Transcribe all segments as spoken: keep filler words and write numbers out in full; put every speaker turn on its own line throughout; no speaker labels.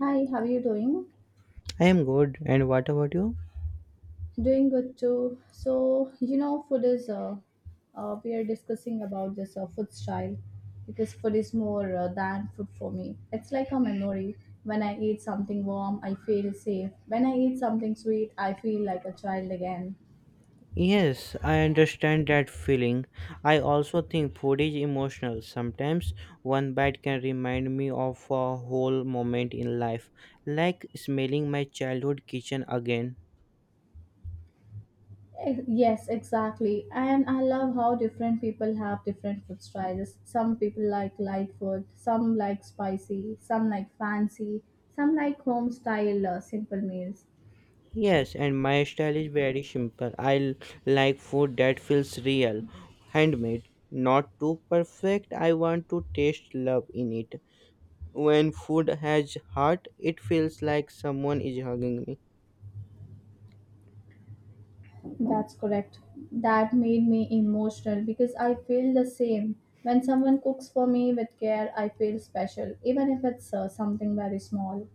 Hi, how are you doing?
I am good, and what about you?
Doing good too. So, you know, food is, uh, uh, we are discussing about this uh, food style because food is more uh, than food for me. It's like a memory. When I eat something warm, I feel safe. When I eat something sweet, I feel like a child again.
Yes, I understand that feeling. I also think food is emotional. Sometimes one bite can remind me of a whole moment in life, like smelling my childhood kitchen again.
Eh, Yes, exactly. And I love how different people have different food styles. Some people like light food, some like spicy, some like fancy, some like home style uh, simple meals.
Yes, and my style is very simple. I l- like food that feels real, handmade, not too perfect. I want to taste love in it. When food has heart, it feels like someone is hugging me.
That's correct. That made me emotional because I feel the same. When someone cooks for me with care, I feel special, even if it's uh, something very small.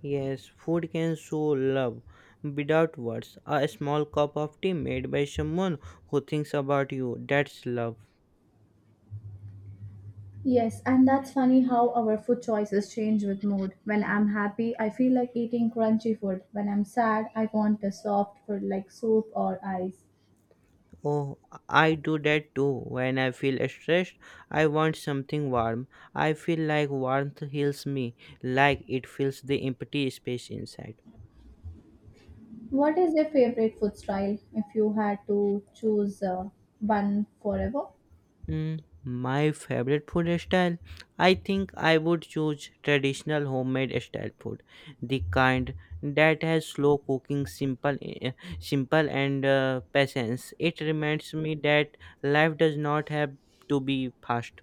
Yes, food can show love without words. A small cup of tea made by someone who thinks about you, that's love.
Yes, and that's funny how our food choices change with mood. When I'm happy, I feel like eating crunchy food. When I'm sad, I want a soft food like soup or ice.
Oh, I do that too. When I feel stressed, I want something warm. I feel like warmth heals me, like it fills the empty space inside.
What is your favorite food style if you had to choose uh, one forever?
Mm, my favorite food style? I think I would choose traditional homemade style food, the kind that has slow cooking, simple, eh, simple and uh, patience. It reminds me that life does not have to be fast.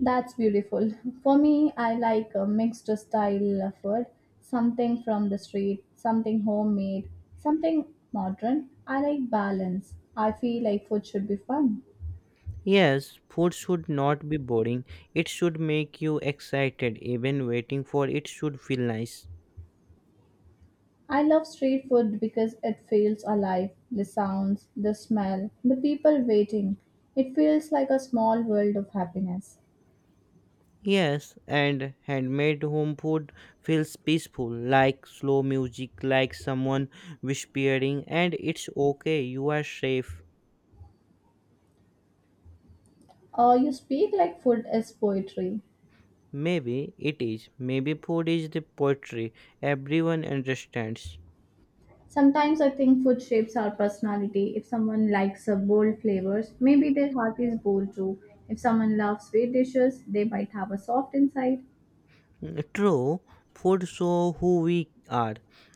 That's beautiful. For me, I like a mixed style of food, something from the street, something homemade, something modern. I like balance. I feel like food should be fun.
Yes, food should not be boring. It should make you excited. Even waiting for it should feel nice.
I love street food because it feels alive, the sounds, the smell, the people waiting. It feels like a small world of happiness.
Yes, and handmade home food feels peaceful, like slow music, like someone whispering, and it's okay, you are safe.
Uh, you speak like food is poetry.
Maybe it is. Maybe food is the poetry everyone understands.
Sometimes I think food shapes our personality. If someone likes uh, bold flavors, maybe their heart is bold too. If someone loves sweet dishes, they might have a soft inside.
Mm, true, food show who we are.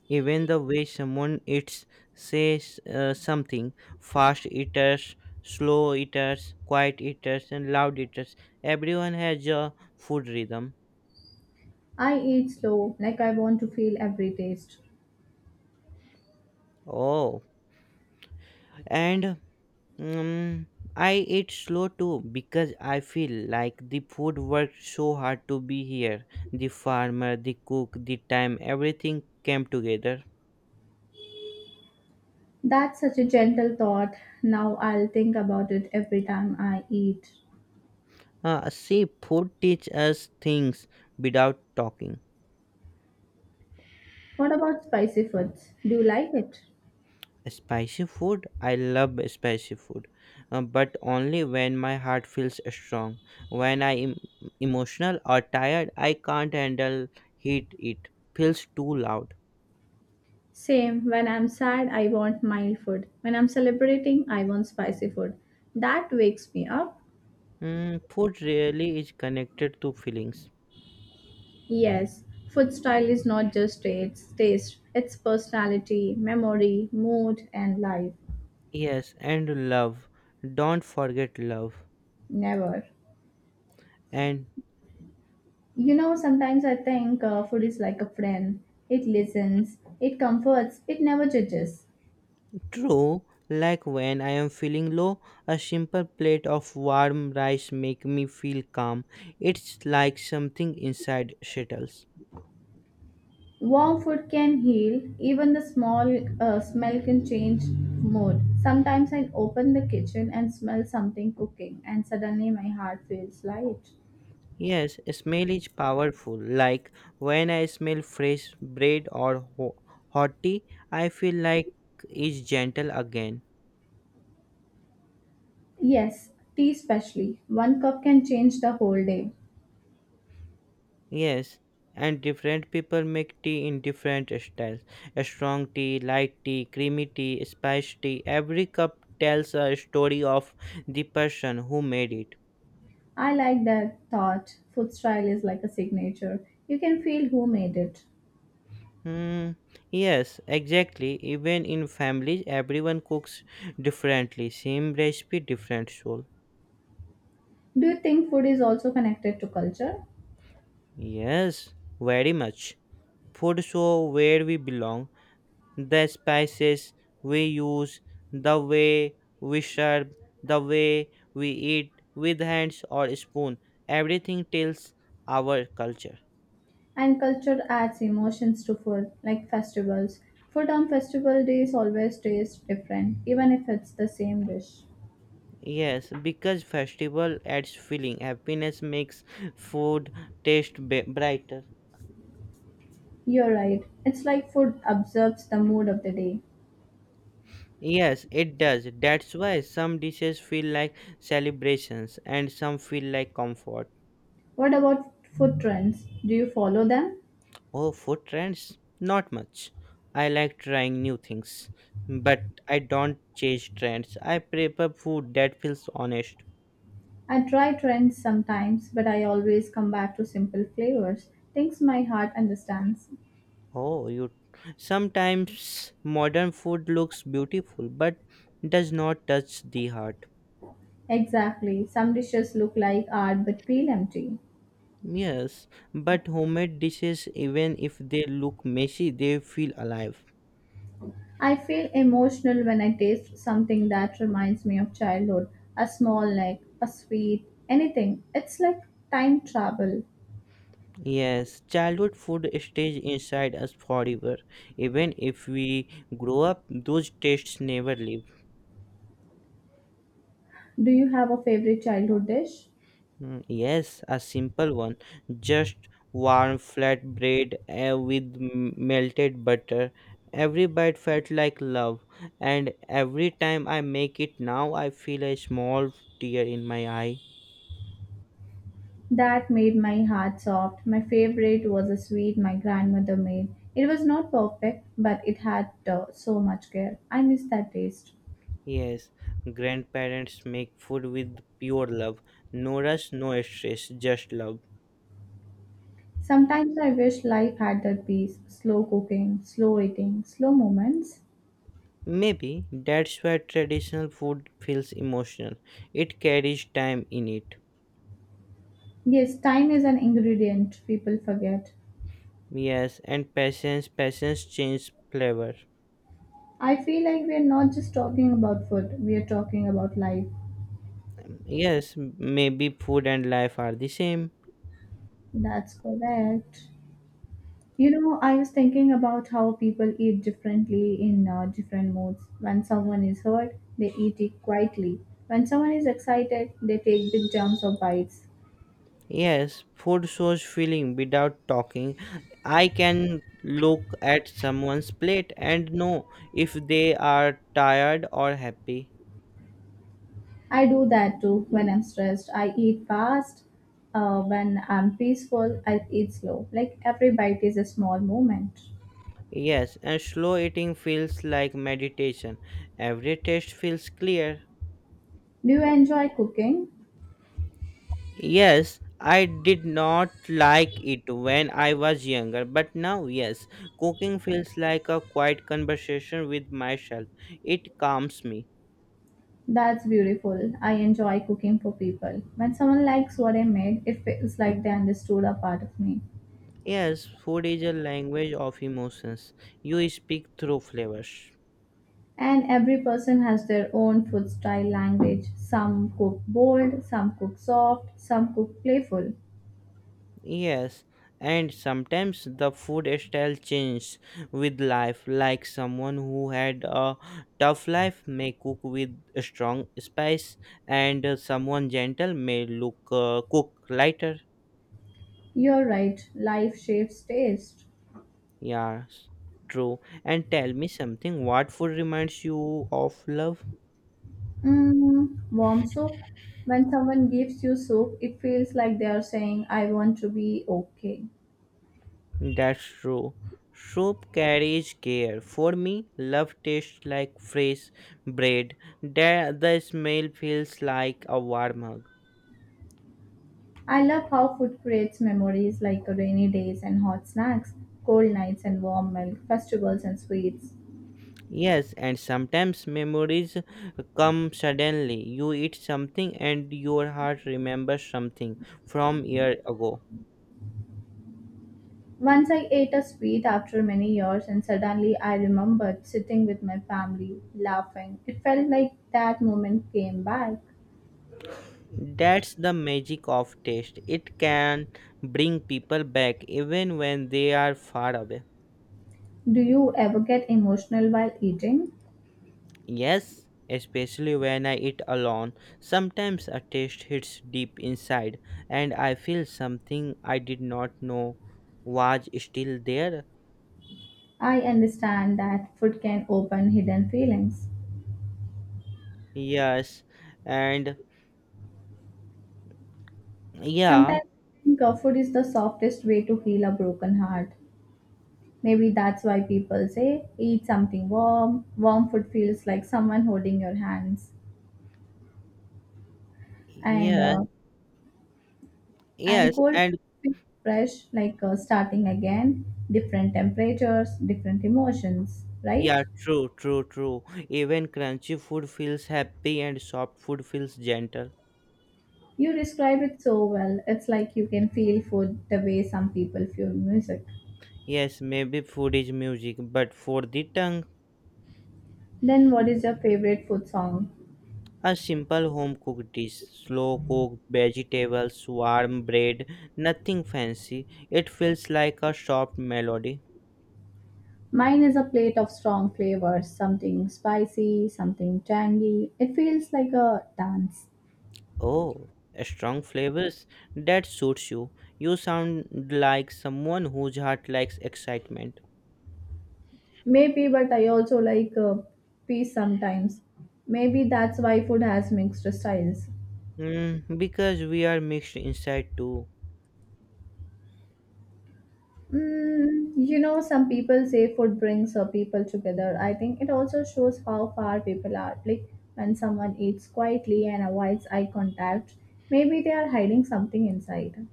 Even the way someone eats says uh, something. Fast eaters, slow eaters, quiet eaters, and loud eaters. Everyone has a food rhythm.
I eat slow, like I want to feel every taste.
Oh. and um, I ate slow too because I feel like the food worked so hard to be here. The farmer, the cook, the time, everything came together.
That's such a gentle thought. Now I'll think about it every time I eat.
Uh, see, food teach us things without talking.
What about spicy foods? Do you like it?
Spicy food, I love spicy food, uh, but only when my heart feels strong. When I am emotional or tired, I can't handle heat. It feels too loud.
Same. When I'm sad, I want mild food. When I'm celebrating, I want spicy food. That wakes me up.
Mm, food really is connected to feelings.
Yes, food style is not just its taste, it's personality, memory, mood, and life.
Yes, and love. Don't forget love.
Never.
And
You know, sometimes I think uh, food is like a friend. It listens, it comforts, it never judges.
true, like when I am feeling low, a simple plate of warm rice make me feel calm. It's like something inside settles.
Warm food can heal, even the small uh, smell can change mood. Sometimes I open the kitchen and smell something cooking, and suddenly my heart feels light.
Yes, smell is powerful. Like when I smell fresh bread or ho- hot tea, I feel like it's gentle again.
Yes, tea especially. One cup can change the whole day.
Yes, and different people make tea in different styles. A strong tea, light tea, creamy tea, spice tea. Every cup tells a story of the person who made it.
I like that thought. Food style is like a signature. You can feel who made it.
Hmm. Yes, exactly. Even in families, everyone cooks differently. Same recipe, different soul.
Do you think food is also connected to culture?
Yes, very much. Food show where we belong. The spices we use, the way we serve, the way we eat with hands or spoon. Everything tells our culture.
And culture adds emotions to food, like festivals. Food on festival days always tastes different, even if it's the same dish.
Yes, because festival adds feeling. Happiness makes food taste b- brighter.
You're right. It's like food observes the mood of the day.
Yes, it does. That's why some dishes feel like celebrations and some feel like comfort.
What about food trends? Do you follow them?
Oh, food trends? Not much. I like trying new things, but I don't chase trends. I prefer food that feels honest.
I try trends sometimes, but I always come back to simple flavors, things my heart understands.
Oh, you sometimes modern food looks beautiful but does not touch the heart.
Exactly. Some dishes look like art but feel empty.
Yes, but homemade dishes, even if they look messy, they feel alive.
I feel emotional when I taste something that reminds me of childhood, a small neck, a sweet, anything. It's like time travel.
Yes, childhood food stays inside us forever. Even if we grow up, those tastes never leave.
Do you have a favorite childhood dish?
Mm, yes, a simple one. Just warm flat bread uh, with m- melted butter. Every bite felt like love, and every time I make it now, I feel a small tear in my eye.
That made my heart soft. My favorite was a sweet my grandmother made. It was not perfect, but it had uh, so much care. I miss that taste.
Yes, grandparents make food with pure love. No rush, no stress, just love.
Sometimes I wish life had that peace, slow cooking, slow eating, slow moments.
Maybe that's why traditional food feels emotional. It carries time in it.
Yes, time is an ingredient people forget.
Yes, and patience, patience changes flavor.
I feel like we are not just talking about food, we are talking about life.
Yes, m- maybe food and life are the same.
That's correct. You know, I was thinking about how people eat differently in uh, different moods. When someone is hurt, they eat it quietly. When someone is excited, they take big jumps or bites.
Yes, food shows feeling without talking. I can look at someone's plate and know if they are tired or happy.
I do that too when I'm stressed. I eat fast. Uh, when I'm peaceful, I eat slow. Like every bite is a small moment.
Yes, and slow eating feels like meditation. Every taste feels clear.
Do you enjoy cooking?
Yes, I did not like it when I was younger, but now, yes, cooking feels like a quiet conversation with myself. It calms me.
That's beautiful. I enjoy cooking for people. When someone likes what I made, it feels like they understood a part of me.
Yes, food is a language of emotions. You speak through flavors.
And every person has their own food style language. Some cook bold, some cook soft, some cook playful.
Yes, and sometimes the food style changes with life, like someone who had a tough life may cook with a strong spice, and uh, someone gentle may look uh, cook lighter.
You're right, life shapes taste.
Yes, true. And tell me something. What food reminds you of love?
Mm, warm soup. When someone gives you soup, it feels like they are saying, I want to be okay.
That's true. Soup carries care. For me, love tastes like fresh bread. The, the smell feels like a warm hug.
I love how food creates memories, like rainy days and hot snacks, cold nights and warm milk, festivals and sweets.
Yes, and sometimes memories come suddenly. You eat something and your heart remembers something from year ago.
Once I ate a sweet after many years, and suddenly I remembered sitting with my family, laughing. It felt like that moment came back.
That's the magic of taste. It can bring people back even when they are far away.
Do you ever get emotional while eating?
Yes, especially when I eat alone. Sometimes a taste hits deep inside, and I feel something I did not know was still there.
I understand that food can open hidden feelings.
Yes, and yeah,
Sometimes I think uh, food is the softest way to heal a broken heart. Maybe that's why people say eat something warm. Warm food feels like someone holding your hands, and
yes,
uh, and
yes,
cold
and
feels fresh, like uh, starting again. Different temperatures, different emotions, right?
yeah, true, true, true. Even crunchy food feels happy, and soft food feels gentle.
You describe it so well. It's like you can feel food the way some people feel music.
Yes, maybe food is music, but for the tongue,
Then, what is your favorite food song?
a simple home cooked dish, slow cooked vegetables, warm bread, nothing fancy. It feels like a soft melody.
Mine is a plate of strong flavors, something spicy, something tangy. It feels like a dance.
Oh, strong flavors? That suits you. You sound like someone whose heart likes excitement.
Maybe, but I also like uh, peace sometimes. Maybe that's why food has mixed styles.
Mm, because we are mixed inside too.
Mm, you know, some people say food brings uh, people together. I think it also shows how far people are. Like when someone eats quietly and avoids eye contact, maybe they are hiding something inside.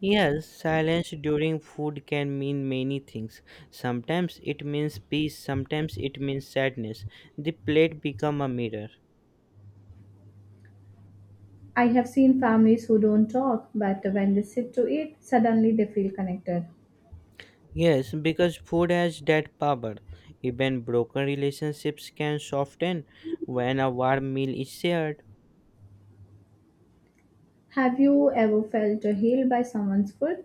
Yes, silence during food can mean many things. Sometimes it means peace, sometimes it means sadness. The plate become a mirror.
I have seen families who don't talk, but when they sit to eat, suddenly they feel connected.
Yes, because food has that power. Even broken relationships can soften when a warm meal is shared.
Have you ever felt uh, healed by someone's food?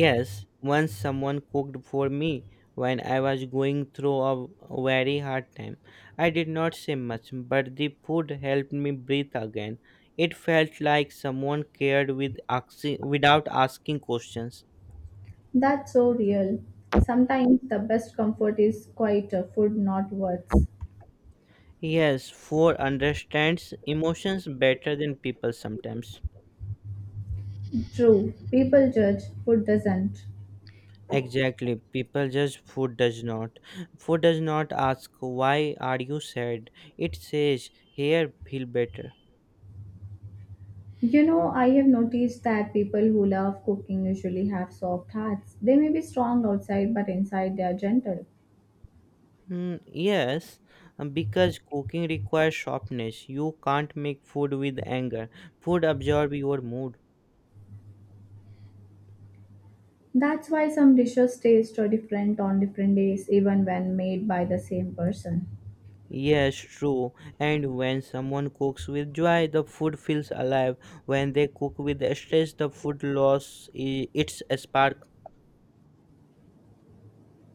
Yes, once someone cooked for me when I was going through a very hard time. I did not say much, but the food helped me breathe again. It felt like someone cared with axi- without asking questions.
That's so real. Sometimes the best comfort is quieter food, not words.
Yes, food understands emotions better than people sometimes.
True, people judge, food doesn't.
Exactly. People judge food does not. Food does not ask why are you sad. It says here feel better.
You know, I have noticed that people who love cooking usually have soft hearts. They may be strong outside, but inside they are gentle.
Mm, yes, um, because cooking requires sharpness. You can't make food with anger. Food absorbs your mood.
That's why some dishes taste so different on different days, even when made by the same person.
Yes, true. And when someone cooks with joy, the food feels alive. When they cook with stress, the food loses its spark.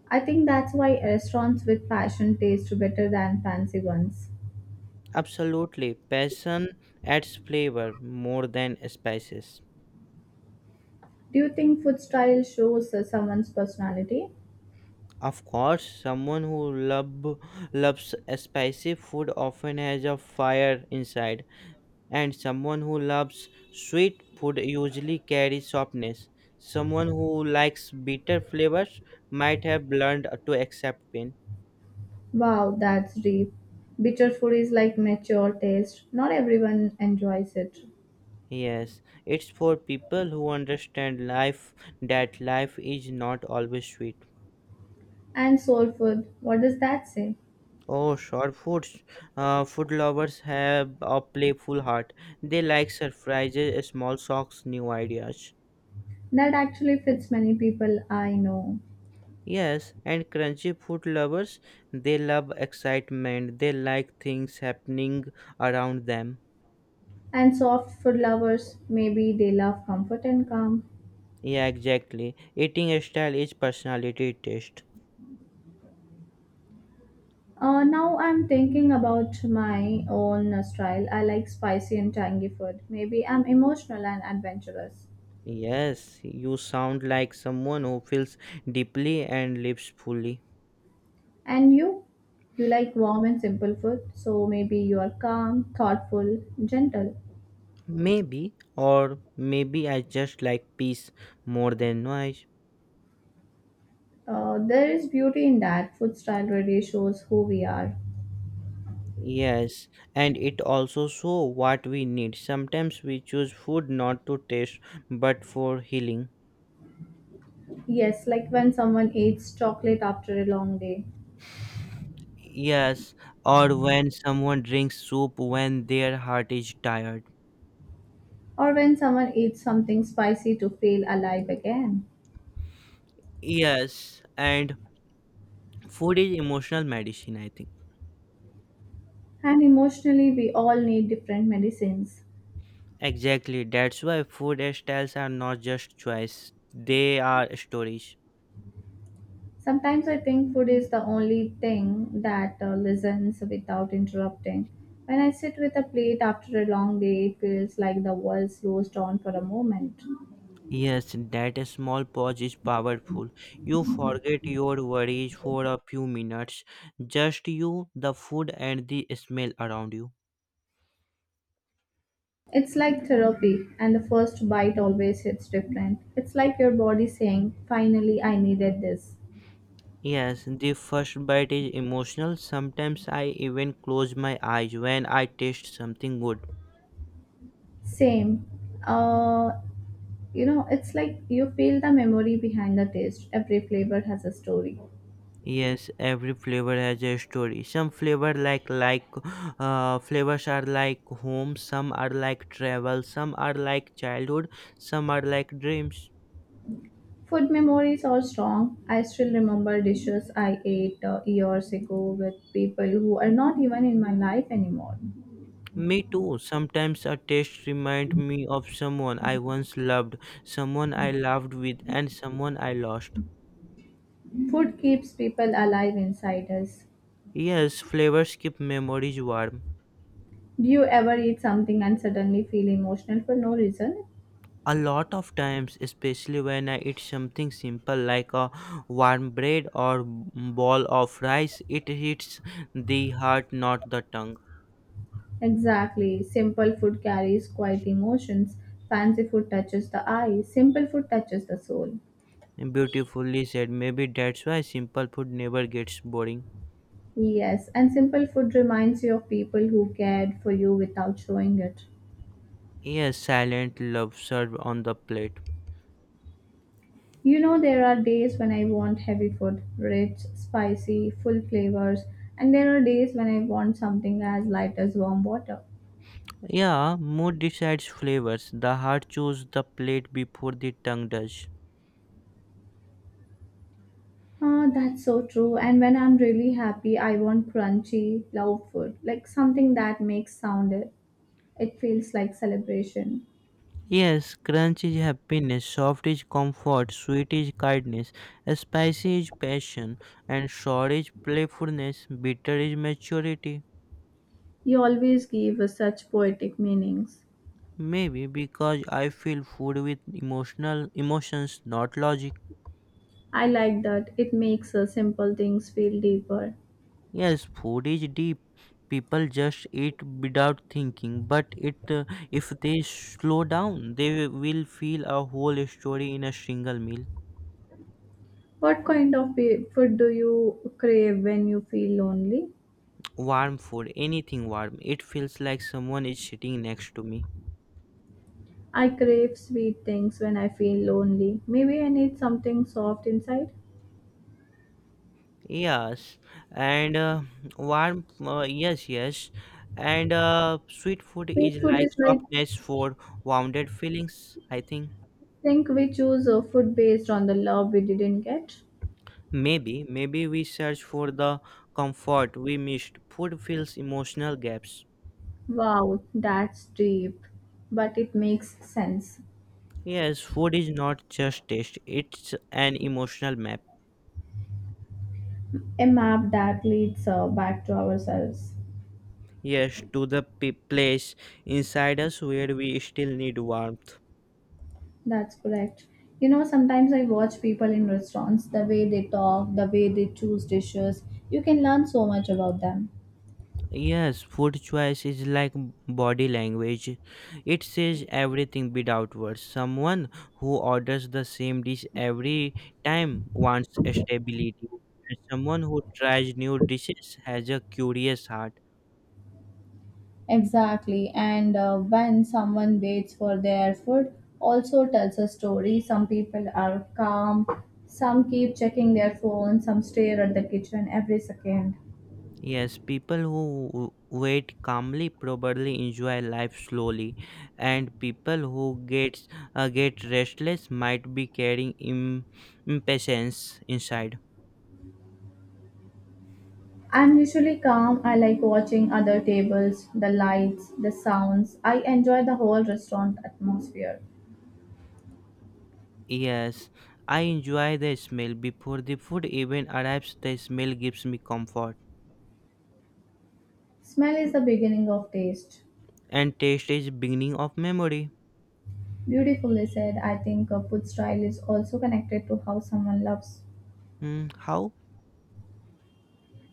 I think that's why restaurants with passion taste better than fancy ones.
Absolutely. Passion adds flavor more than spices.
Do you think food style shows uh, someone's personality?
Of course, someone who love, loves spicy food often has a fire inside, and someone who loves sweet food usually carries softness. Someone who likes bitter flavors might have learned to accept pain.
Wow, that's deep. Bitter food is like mature taste. Not everyone enjoys it.
Yes, it's for people who understand life that life is not always sweet.
And soul food, what does that say?
Oh, sure. Foods. Uh, food lovers have a playful heart. They like surprises, small shocks, new ideas.
That actually fits many people I know.
Yes, and crunchy food lovers, they love excitement. They like things happening around them.
And soft food lovers, maybe they love comfort and calm.
Yeah, exactly. Eating style is personality taste.
Uh, now I'm thinking about my own style. I like spicy and tangy food. Maybe I'm emotional and adventurous.
Yes, you sound like someone who feels deeply and lives fully.
And you? You like warm and simple food, so maybe you are calm, thoughtful, gentle.
Maybe, or maybe I just like peace more than noise.
Uh, there is beauty in that. Food style really shows who we are.
Yes, and it also show what we need. Sometimes we choose food not to taste, but for healing.
Yes, like when someone eats chocolate after a long day,
Yes, or when someone drinks soup when their heart is tired.
or when someone eats something spicy to feel alive again.
Yes, and food is emotional medicine, I think.
And emotionally, we all need different medicines.
Exactly, that's why food styles are not just choice, they are stories.
Sometimes I think food is the only thing that uh, listens without interrupting. When I sit with a plate after a long day, it feels like the world slows down for a moment.
Yes, that small pause is powerful. You forget your worries for a few minutes, just you, the food, and the smell around you.
It's like therapy, and the first bite always hits different. It's like your body saying, finally, I needed this.
Yes, the first bite is emotional. Sometimes I even close my eyes when I taste something good.
Same. Uh, you know, it's like you feel the memory behind the taste. Every flavor has a story.
Yes, every flavor has a story. Some flavor like like uh, flavors are like home, some are like travel, some are like childhood, some are like dreams.
Food memories are strong. I still remember dishes I ate uh, years ago with people who are not even in my life anymore.
Me too. Sometimes a taste remind me of someone I once loved, someone I loved with, and someone I lost.
Food keeps people alive inside us.
Yes, flavors keep memories warm.
Do you ever eat something and suddenly feel emotional for no reason?
A lot of times, especially when I eat something simple like a warm bread or ball of rice, it hits the heart, not the tongue.
Exactly. Simple food carries quiet emotions. Fancy food touches the eye. Simple food touches the soul.
Beautifully said. Maybe that's why simple food never gets boring.
Yes, and simple food reminds you of people who cared for you without showing it.
Yes, silent love served on the plate.
You know, there are days when I want heavy food, rich, spicy, full flavors, and there are days when I want something as light as warm water.
Yeah, mood decides flavors. The heart chooses the plate before the tongue does.
Ah, that's so true. And when I'm really happy, I want crunchy, loud food, like something that makes sound. It feels like celebration.
Yes, crunch is happiness, soft is comfort, sweet is kindness, spicy is passion, and sour is playfulness, bitter is maturity.
You always give us such poetic meanings.
Maybe because I feel food with emotional emotions, not logic.
I like that. It makes uh, simple things feel deeper.
Yes, food is deep. People just eat without thinking, but it uh, if they slow down, they will feel a whole story in a single meal.
What kind of pe- food do you crave when you feel lonely?
Warm food, anything warm, it feels like someone is sitting next to me.
I crave sweet things when I feel lonely. Maybe I need something soft inside.
Yes, and uh, warm, uh, yes, yes, and uh, sweet food
Sweet
is
food
like
is like,
softness for wounded feelings. I think
think we choose a food based on the love we didn't get.
maybe, maybe we search for the comfort we missed. Food fills emotional gaps.
Wow, that's deep. But it makes sense.
Yes, food is not just taste, it's an emotional map.
A map that leads uh, back to ourselves.
Yes, to the p- place inside us where we still need warmth.
That's correct. You know, sometimes I watch people in restaurants, the way they talk, the way they choose dishes. You can learn so much about them.
Yes, food choice is like m- body language. It says everything without words. Someone who orders the same dish every time wants stability. And someone who tries new dishes has a curious heart.
Exactly. And uh, when someone waits for their food, also tells a story. Some people are calm, some keep checking their phone, some stare at the kitchen every second.
Yes, people who w- wait calmly probably enjoy life slowly, and people who gets uh, get restless might be carrying im- impatience inside.
I'm usually calm. I like watching other tables, the lights, the sounds. I enjoy the whole restaurant atmosphere.
Yes, I enjoy the smell. Before the food even arrives, the smell gives me comfort.
Smell is the beginning of taste.
And taste is beginning of memory.
Beautifully said. I think uh, food style is also connected to how someone loves.
Hmm, how?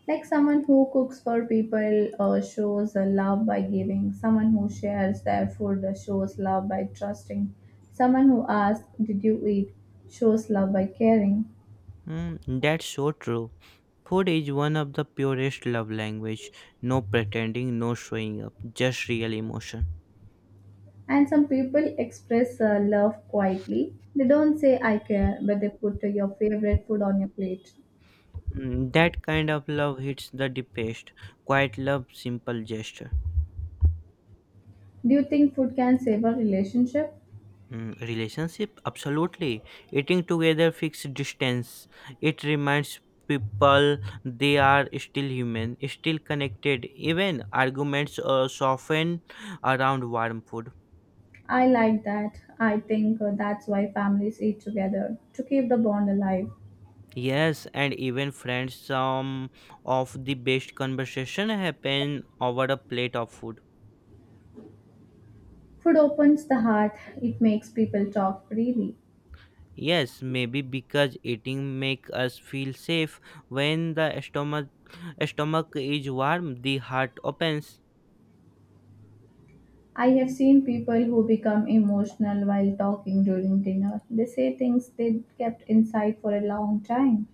Like someone who cooks for people uh, shows uh, love by giving. Someone who shares their food uh, shows love by trusting. Someone who asks, did you eat? Shows love by caring.
Hmm, that's so true. Food is one of the purest love language. No pretending, no showing up, just real emotion.
And some people express uh, love quietly. They don't say, I care, but they put uh, your favorite food on your plate.
Hmm, that kind of love hits the deepest. Quiet love, simple gesture.
Do you think food can save a relationship?
Mm, relationship absolutely eating together fixed distance it reminds people they are still human still connected even arguments uh, soften around warm food.
I like that. I think uh, that's why families eat together to keep the bond alive.
Yes, and even friends some of the best conversation happen over a plate of food.
Food opens the heart, it makes people talk freely.
Yes, maybe because eating make us feel safe when the stomach stomach is warm the heart opens.
I have seen people who become emotional while talking during dinner. They say things they kept inside for a long time.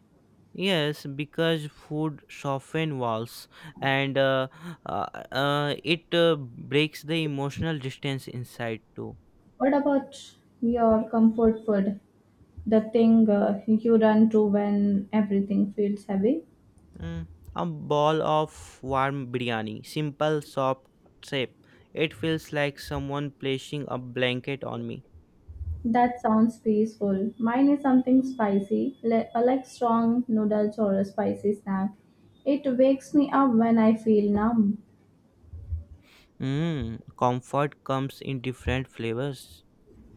Yes, because food softens walls and uh, uh, uh, it uh, breaks the emotional distance inside too.
What about your comfort food? The thing uh, you run to when everything feels heavy?
Mm, a ball of warm biryani, simple, soft shape. It feels like someone placing a blanket on me.
That sounds peaceful. Mine is something spicy, li- uh, like strong noodles or a spicy snack. It wakes me up when I feel numb.
Mm, comfort comes in different flavors.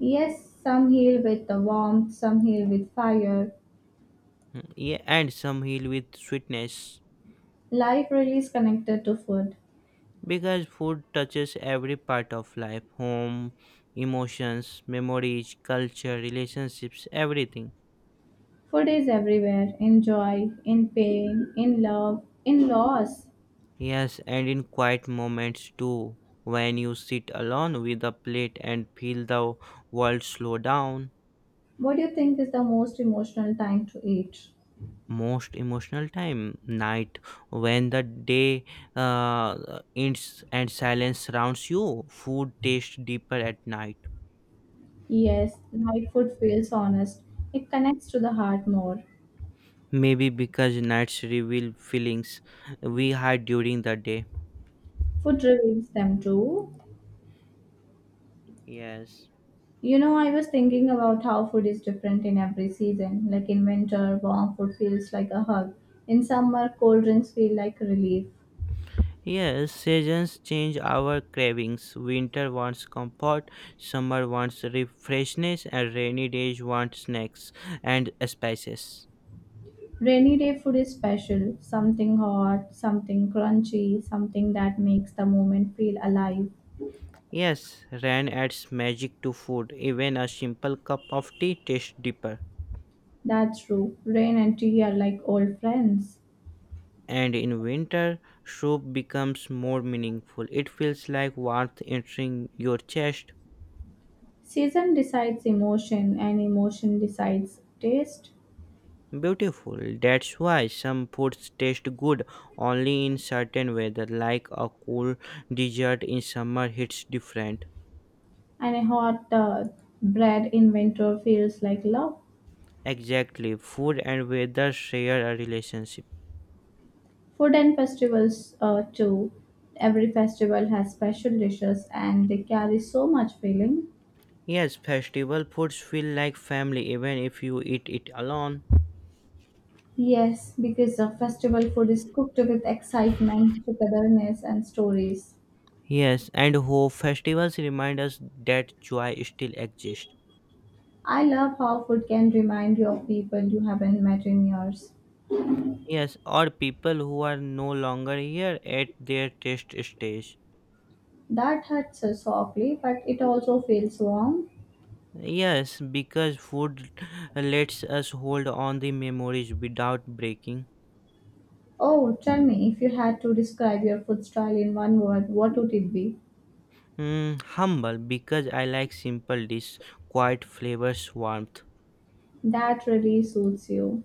Yes, some heal with the warmth, some heal with fire.
Yeah, and some heal with sweetness.
Life really is connected to food.
Because food touches every part of life home, emotions, memories, culture, relationships, everything.
Food is everywhere in joy, in pain, in love, in loss.
Yes, and in quiet moments too, when you sit alone with a plate and feel the world slow down.
What do you think is the most emotional time to eat?
Most emotional time, night, when the day uh, ends and silence surrounds you, food tastes deeper at night.
Yes, light food feels honest. It connects to the heart more.
Maybe because nights reveal feelings we hide during the day.
Food reveals them too.
Yes.
You know, I was thinking about how food is different in every season. Like in winter, warm food feels like a hug. In summer, cold drinks feel like relief.
Yes, seasons change our cravings. Winter wants comfort, summer wants refreshness, and rainy days want snacks and spices.
Rainy day food is special, something hot, something crunchy, something that makes the moment feel alive.
Yes, rain adds magic to food. Even a simple cup of tea tastes deeper.
That's true. Rain and tea are like old friends.
And in winter, soup becomes more meaningful. It feels like warmth entering your chest.
Season decides emotion, and emotion decides taste.
Beautiful. That's why some foods taste good only in certain weather, like a cool dessert in summer hits different.
And a hot uh, bread in winter feels like love.
Exactly. Food and weather share a relationship.
Food and festivals, uh, too. Every festival has special dishes and they carry so much feeling.
Yes, festival foods feel like family even if you eat it alone.
Yes, because the festival food is cooked with excitement, togetherness, and stories.
Yes, and hope festivals remind us that joy still exists.
I love how food can remind you of people you haven't met in years.
Yes, or people who are no longer here at their test stage.
That hurts us softly, but it also feels warm.
Yes, because food lets us hold on the memories without breaking.
Oh, tell me, if you had to describe your food style in one word, what would it be?
Mm, humble, because I like simple dish, quiet flavors, warmth.
That really suits you.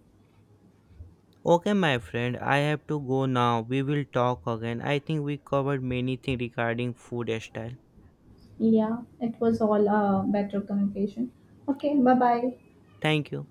Okay, my friend, I have to go now. We will talk again. I think we covered many things regarding food style.
Yeah, it was all uh, better communication. Okay, bye bye.
Thank you.